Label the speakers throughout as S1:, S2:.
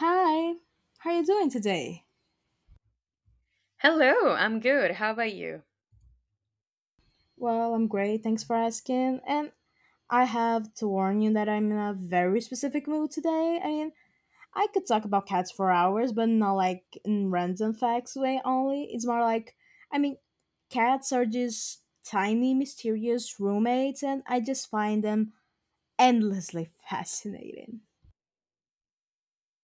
S1: Hi, how are you doing today?
S2: Hello, I'm good. How about you?
S1: Well, I'm great, thanks for asking. And I have to warn you that I'm in a very specific mood today. I mean, I could talk about cats for hours, but not like in random facts way only. It's more like, I mean, cats are just tiny, mysterious roommates, and I just find them endlessly fascinating.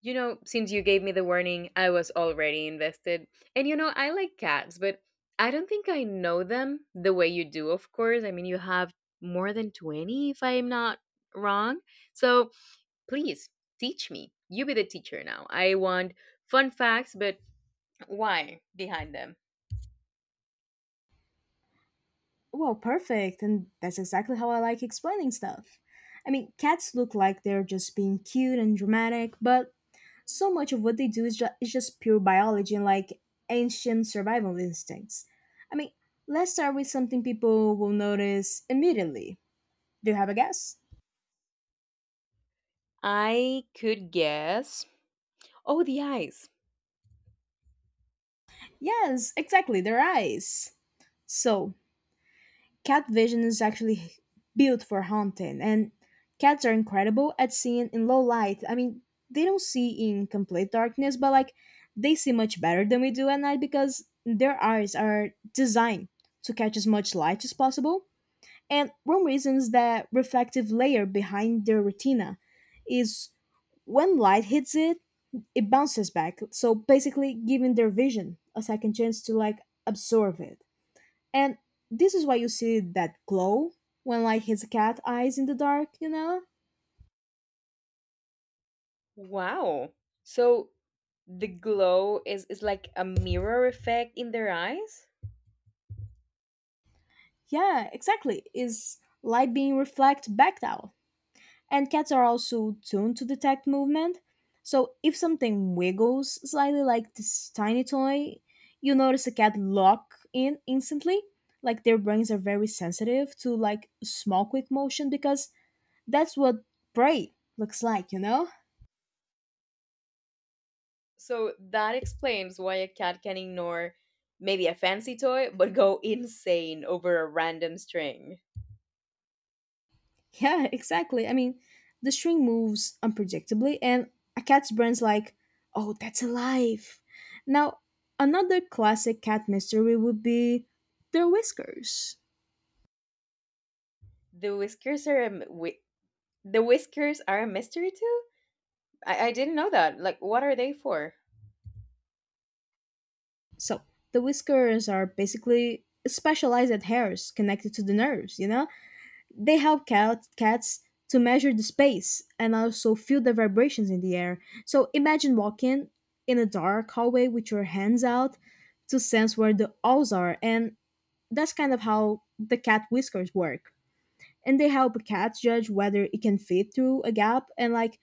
S2: You know, since you gave me the warning, I was already invested. And you know, I like cats, but I don't think I know them the way you do, of course. I mean, you have more than 20, if I'm not wrong. So please teach me. You be the teacher now. I want fun facts, but why behind them?
S1: Well, perfect, and that's exactly how I like explaining stuff. I mean, cats look like they're just being cute and dramatic, but so much of what they do is just pure biology and like ancient survival instincts. I mean, let's start with something people will notice immediately. Do you have a guess?
S2: I could guess. Oh, the eyes.
S1: Yes, exactly, their eyes. So, cat vision is actually built for hunting, and cats are incredible at seeing in low light. I mean, they don't see in complete darkness, but like they see much better than we do at night because their eyes are designed to catch as much light as possible. And one reasons that reflective layer behind the retina is when light hits it, it bounces back. So basically giving their vision a second chance to like absorb it. And this is why you see that glow when light hits a cat eyes in the dark, you know?
S2: Wow. So the glow is like a mirror effect in their eyes?
S1: Yeah, exactly. Is light being reflected back out. And cats are also tuned to detect movement. So if something wiggles slightly like this tiny toy, you notice a cat lock in instantly. Like their brains are very sensitive to like small quick motion because that's what prey looks like, you know?
S2: So that explains why a cat can ignore maybe a fancy toy but go insane over a random string.
S1: Yeah, exactly. I mean, the string moves unpredictably and a cat's brain's like, "Oh, that's alive." Now, another classic cat mystery would be their whiskers.
S2: The whiskers are the whiskers are a mystery too? I didn't know that. Like what are they for?
S1: So the whiskers are basically specialized hairs connected to the nerves, you know? They help cats to measure the space and also feel the vibrations in the air. So imagine walking in a dark hallway with your hands out to sense where the owls are. And that's kind of how the cat whiskers work. And they help a cat judge whether it can fit through a gap and like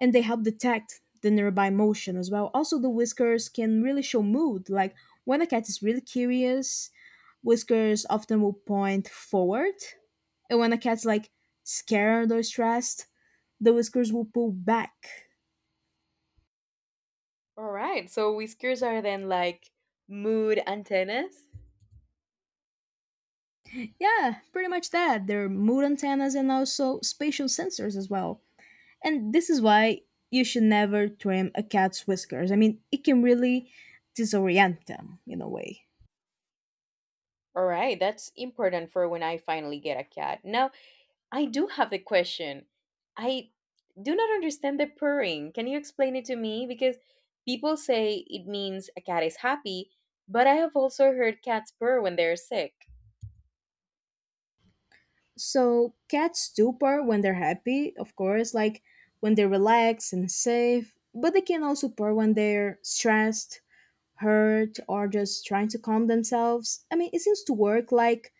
S1: and they help detect the nearby motion as well. Also, the whiskers can really show mood. Like when a cat is really curious, whiskers often will point forward, and when a cat's like scared or stressed, the whiskers will pull back.
S2: All right. So whiskers are then like mood antennas?
S1: Yeah, pretty much that. They're mood antennas and also spatial sensors as well. And this is why you should never trim a cat's whiskers. I mean, it can really disorient them in a way.
S2: All right, that's important for when I finally get a cat. Now, I do have a question. I do not understand the purring. Can you explain it to me? Because people say it means a cat is happy, but I have also heard cats purr when they're sick.
S1: So cats do purr when they're happy, of course, like when they're relaxed and safe, but they can also purr when they're stressed, hurt, or just trying to calm themselves. I mean, it seems to work like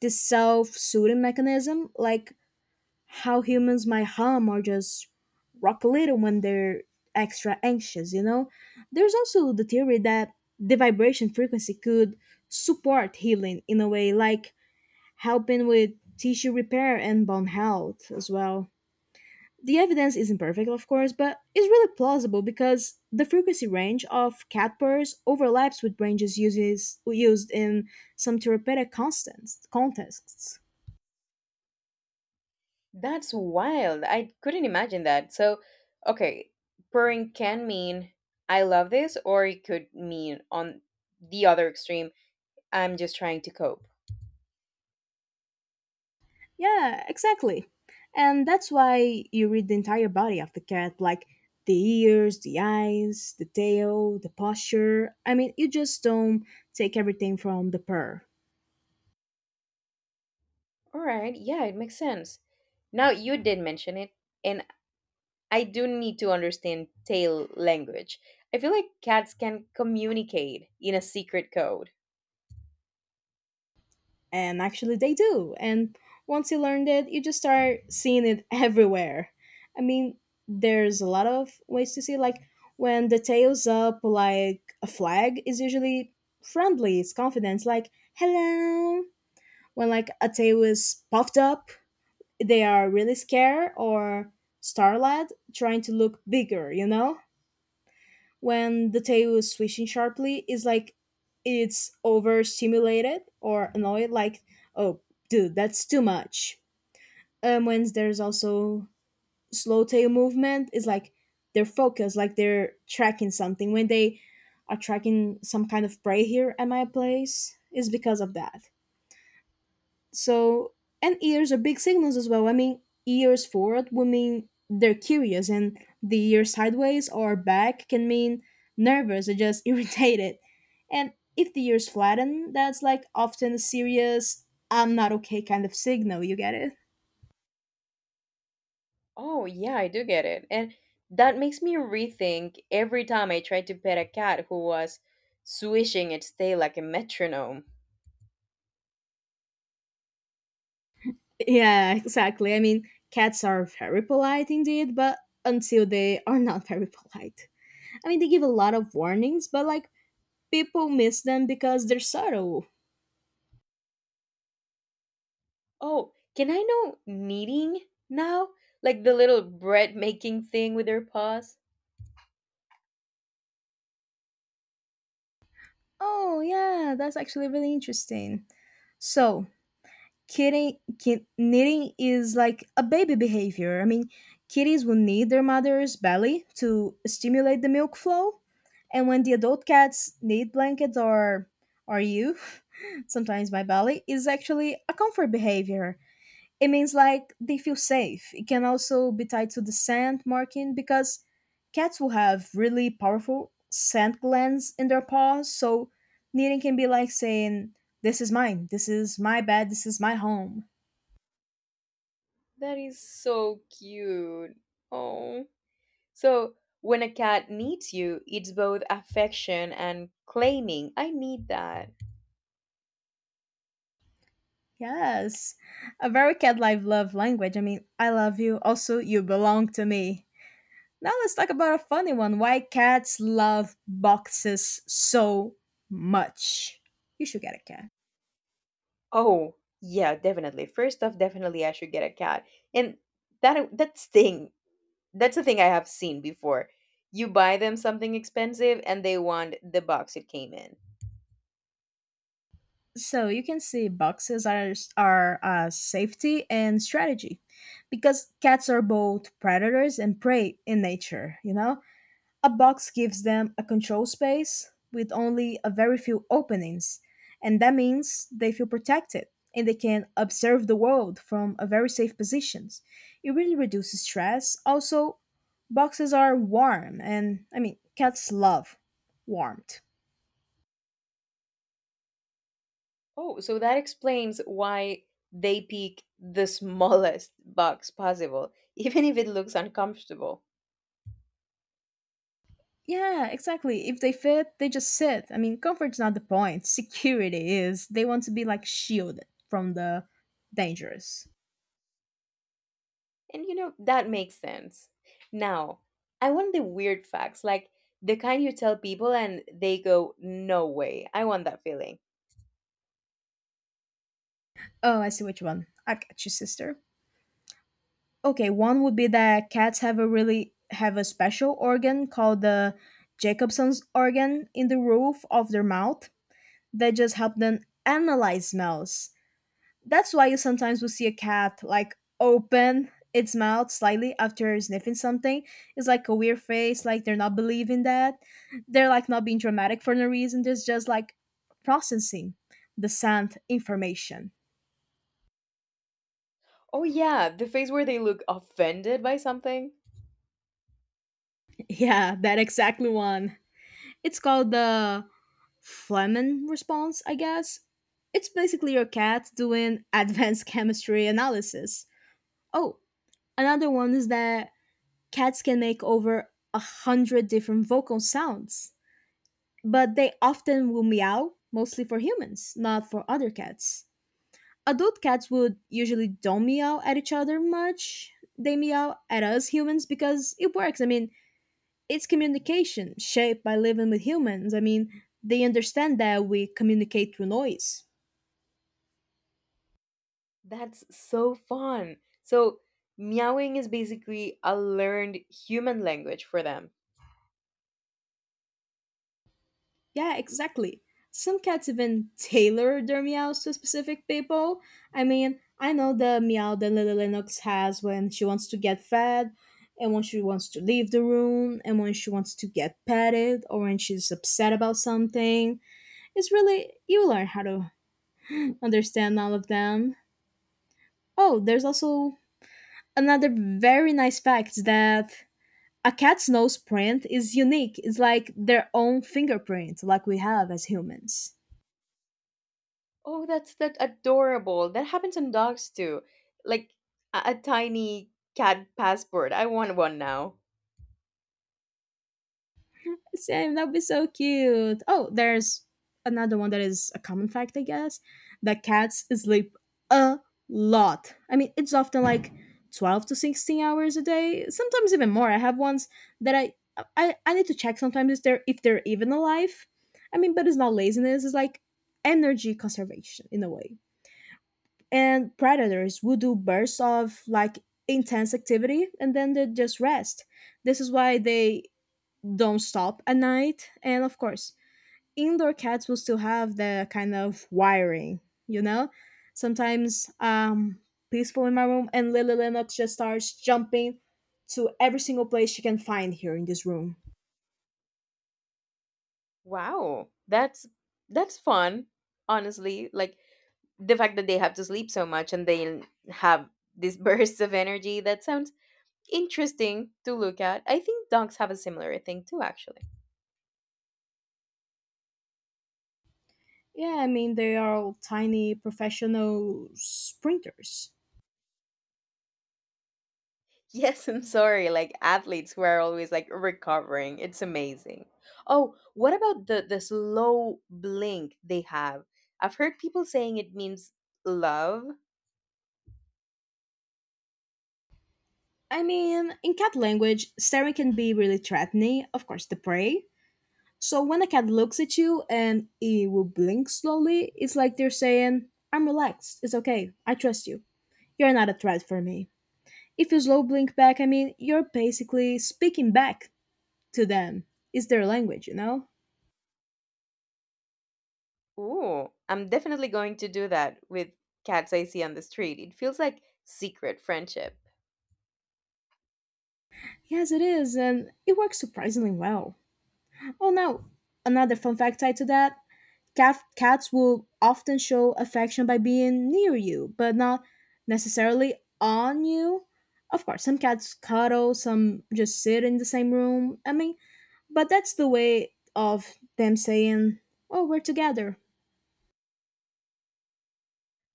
S1: this self soothing mechanism, like how humans might hum or just rock a little when they're extra anxious, you know? There's also the theory that the vibration frequency could support healing in a way like helping with tissue repair and bone health as well. The evidence isn't perfect, of course, but it's really plausible because the frequency range of cat purrs overlaps with ranges used in some therapeutic contexts.
S2: That's wild. I couldn't imagine that. So, okay, purring can mean I love this, or it could mean on the other extreme, I'm just trying to cope.
S1: Yeah, exactly. And that's why you read the entire body of the cat, like the ears, the eyes, the tail, the posture. I mean, you just don't take everything from the purr.
S2: All right, yeah, it makes sense. Now, you did mention it, and I do need to understand tail language. I feel like cats can communicate in a secret code.
S1: And actually they do, and once you learned it you just start seeing it everywhere. I mean, there's a lot of ways to see. Like when the tail's up like a flag, is usually friendly, it's confidence, like hello. When like a tail is puffed up, they are really scared or starlad, trying to look bigger, you know? When the tail is swishing sharply, is like it's overstimulated or annoyed, like, oh, dude, that's too much. When there's also slow tail movement, it's like they're focused, like they're tracking something. When they are tracking some kind of prey here at my place, is because of that. So and ears are big signals as well. I mean, ears forward would mean they're curious, and the ear sideways or back can mean nervous or just irritated. And if the ears flatten, that's like often a serious "I'm not okay" kind of signal. You get it?
S2: Oh, yeah, I do get it. And that makes me rethink every time I tried to pet a cat who was swishing its tail like a metronome.
S1: Yeah, exactly. I mean, cats are very polite indeed, but until they are not very polite. I mean, they give a lot of warnings, but like people miss them because they're subtle.
S2: Oh, can I know kneading now? Like the little bread making thing with their paws?
S1: Oh, yeah, that's actually really interesting. So, knitting is like a baby behavior. I mean, kitties will need their mother's belly to stimulate the milk flow, and when the adult cats need blankets or you, sometimes my belly is actually a comfort behavior. It means like they feel safe. It can also be tied to the scent marking because cats will have really powerful scent glands in their paws. So kneading can be like saying, this is mine, this is my bed, this is my home.
S2: That is so cute. Oh. So when a cat needs you, it's both affection and claiming, I need that.
S1: Yes. A very cat like love language. I mean, I love you. Also, you belong to me. Now let's talk about a funny one. Why cats love boxes so much. You should get a cat.
S2: Oh, yeah, definitely. First off, definitely I should get a cat. And that that's thing. That's a thing I have seen before. You buy them something expensive and they want the box it came in.
S1: So you can see boxes are safety and strategy, because cats are both predators and prey in nature. You know, a box gives them a control space with only a very few openings, and that means they feel protected and they can observe the world from a very safe positions. It really reduces stress. Also, boxes are warm, and I mean, cats love warmth.
S2: Oh, so that explains why they pick the smallest box possible, even if it looks uncomfortable.
S1: Yeah, exactly. If they fit, they just sit. I mean, comfort's not the point. Security is. They want to be like shielded from the dangerous.
S2: And you know, that makes sense. Now, I want the weird facts, like the kind you tell people and they go, no way. I want that feeling.
S1: Oh, I see which one. I got you, sister. Okay, one would be that cats have a special organ called the Jacobson's organ in the roof of their mouth that just help them analyze smells. That's why you sometimes will see a cat like open its mouth slightly after sniffing something. It's like a weird face, like they're not believing that. They're like not being dramatic for no reason. They're just like processing the scent information.
S2: Oh, yeah, the face where they look offended by something.
S1: Yeah, that exactly one. It's called the Fleming response, I guess. It's basically your cat doing advanced chemistry analysis. Oh, another one is that cats can make over 100 different vocal sounds, but they often will meow mostly for humans, not for other cats. Adult cats would usually don't meow at each other much. They meow at us humans because it works. I mean, it's communication shaped by living with humans. I mean, they understand that we communicate through noise.
S2: That's so fun. So, meowing is basically a learned human language for them.
S1: Yeah, exactly. Some cats even tailor their meows to specific people. I mean, I know the meow that Lily Lennox has when she wants to get fed, and when she wants to leave the room, and when she wants to get petted, or when she's upset about something. It's really, you learn how to understand all of them. Oh, there's also another very nice fact that a cat's nose print is unique. It's like their own fingerprint, like we have as humans.
S2: Oh, that's that adorable. That happens in dogs too. Like a tiny cat passport. I want one now.
S1: Same, that'd be so cute. Oh, there's another one that is a common fact, I guess, that cats sleep a lot. I mean, it's often like 12 to 16 hours a day, sometimes even more. I have ones that I need to check sometimes if they're even alive. I mean, but it's not laziness, it's like energy conservation in a way. And predators will do bursts of like intense activity and then they just rest. This is why they don't stop at night. And of course, indoor cats will still have the kind of wiring, you know? Sometimes peaceful in my room and Lily Lennox just starts jumping to every single place she can find here in this room.
S2: Wow, that's fun, honestly. Like the fact that they have to sleep so much and they have these bursts of energy, that sounds interesting to look at. I think dogs have a similar thing too, actually.
S1: Yeah, I mean they are all tiny professional sprinters.
S2: Yes, I'm sorry, like athletes who are always like recovering. It's amazing. Oh, what about the slow blink they have? I've heard people saying it means love.
S1: I mean, in cat language, staring can be really threatening, of course, the prey. So when a cat looks at you and it will blink slowly, it's like they're saying, I'm relaxed, it's okay, I trust you. You're not a threat for me. If you slow blink back, I mean, you're basically speaking back to them. It's their language, you know?
S2: Ooh, I'm definitely going to do that with cats I see on the street. It feels like secret friendship.
S1: Yes, it is, and it works surprisingly well. Oh, now, another fun fact tied to that cats will often show affection by being near you, but not necessarily on you. Of course, some cats cuddle, some just sit in the same room. I mean, but that's the way of them saying, oh, we're together.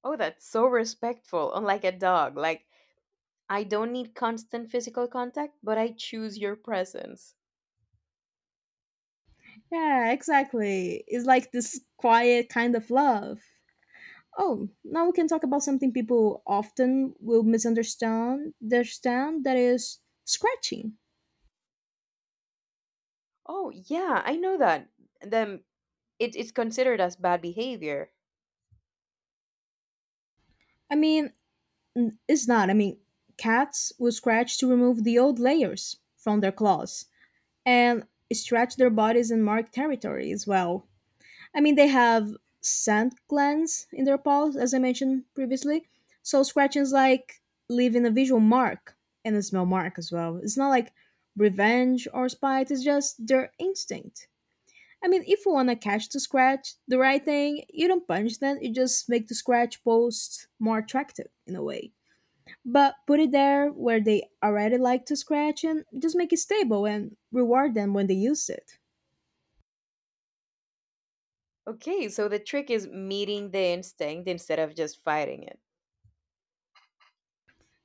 S2: Oh, that's so respectful, unlike a dog. Like, I don't need constant physical contact, but I choose your presence.
S1: Yeah, exactly. It's like this quiet kind of love. Oh, now we can talk about something people often will misunderstand. Understand that is scratching.
S2: Oh, yeah, I know that. Then it's considered as bad behavior.
S1: I mean, it's not. I mean, cats will scratch to remove the old layers from their claws and stretch their bodies and mark territory as well. I mean, they have scent glands in their paws, as I mentioned previously. So scratchings like leaving a visual mark and a smell mark as well. It's not like revenge or spite. It's just their instinct. I mean, if you want to catch the scratch, the right thing, you don't punch them. You just make the scratch post more attractive in a way but put it there where they already like to scratch and just make it stable and reward them when they use it.
S2: Okay, so the trick is meeting the instinct instead of just fighting it.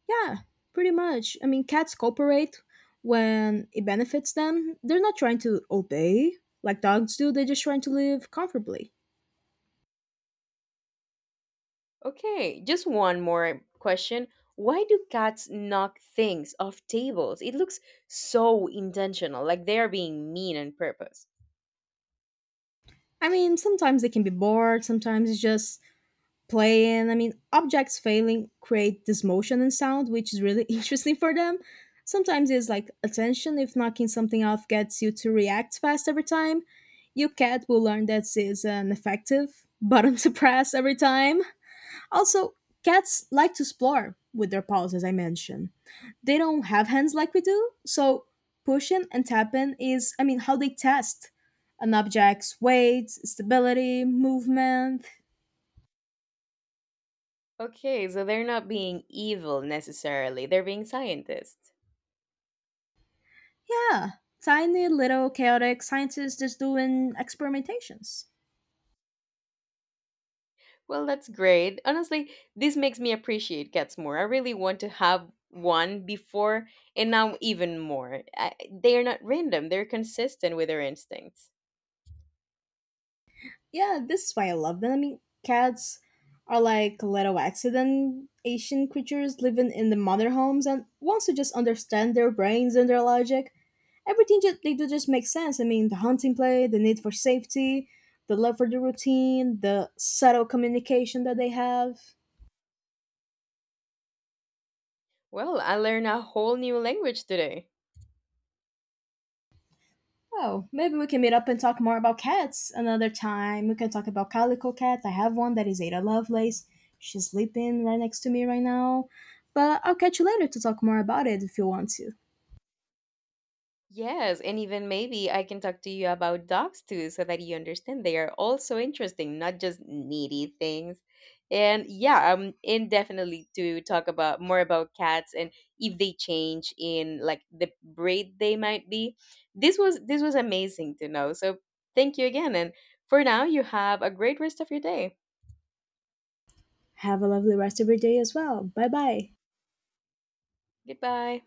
S1: Yeah, pretty much. I mean, cats cooperate when it benefits them. They're not trying to obey like dogs do, they're just trying to live comfortably.
S2: Okay, just one more question. Why do cats knock things off tables? It looks so intentional, like they are being mean on purpose.
S1: I mean, sometimes they can be bored, sometimes it's just play, and I mean objects failing create this motion and sound which is really interesting for them. Sometimes it's like attention. If knocking something off gets you to react fast every time, your cat will learn that it's an effective button to press every time. Also, cats like to explore with their paws, as I mentioned. They don't have hands like we do, so pushing and tapping is, I mean, how they test an object's weight, stability, movement.
S2: Okay, so they're not being evil necessarily, they're being scientists.
S1: Yeah, tiny little chaotic scientists just doing experimentations.
S2: Well, that's great. Honestly, this makes me appreciate cats more. I really want to have one before, and now even more. I, they are not random, they're consistent with their instincts.
S1: Yeah, this is why I love them. I mean, cats are like little accident Asian creatures living in the modern homes, and once you just understand their brains and their logic, everything they do just makes sense. I mean, the hunting play, the need for safety, the love for the routine, the subtle communication that they have.
S2: Well, I learned a whole new language today.
S1: Oh, maybe we can meet up and talk more about cats another time. We can talk about calico cat. I have one that is Ada Lovelace. She's sleeping right next to me right now. But I'll catch you later to talk more about it if you want to.
S2: Yes, and even maybe I can talk to you about dogs too, so that you understand they are also interesting, not just needy things. And yeah, I'm in definitely to talk about more about cats and if they change in like the breed they might be. This was amazing to know. So thank you again, and for now, you have a great rest of your day.
S1: Have a lovely rest of your day as well. Bye bye.
S2: Goodbye.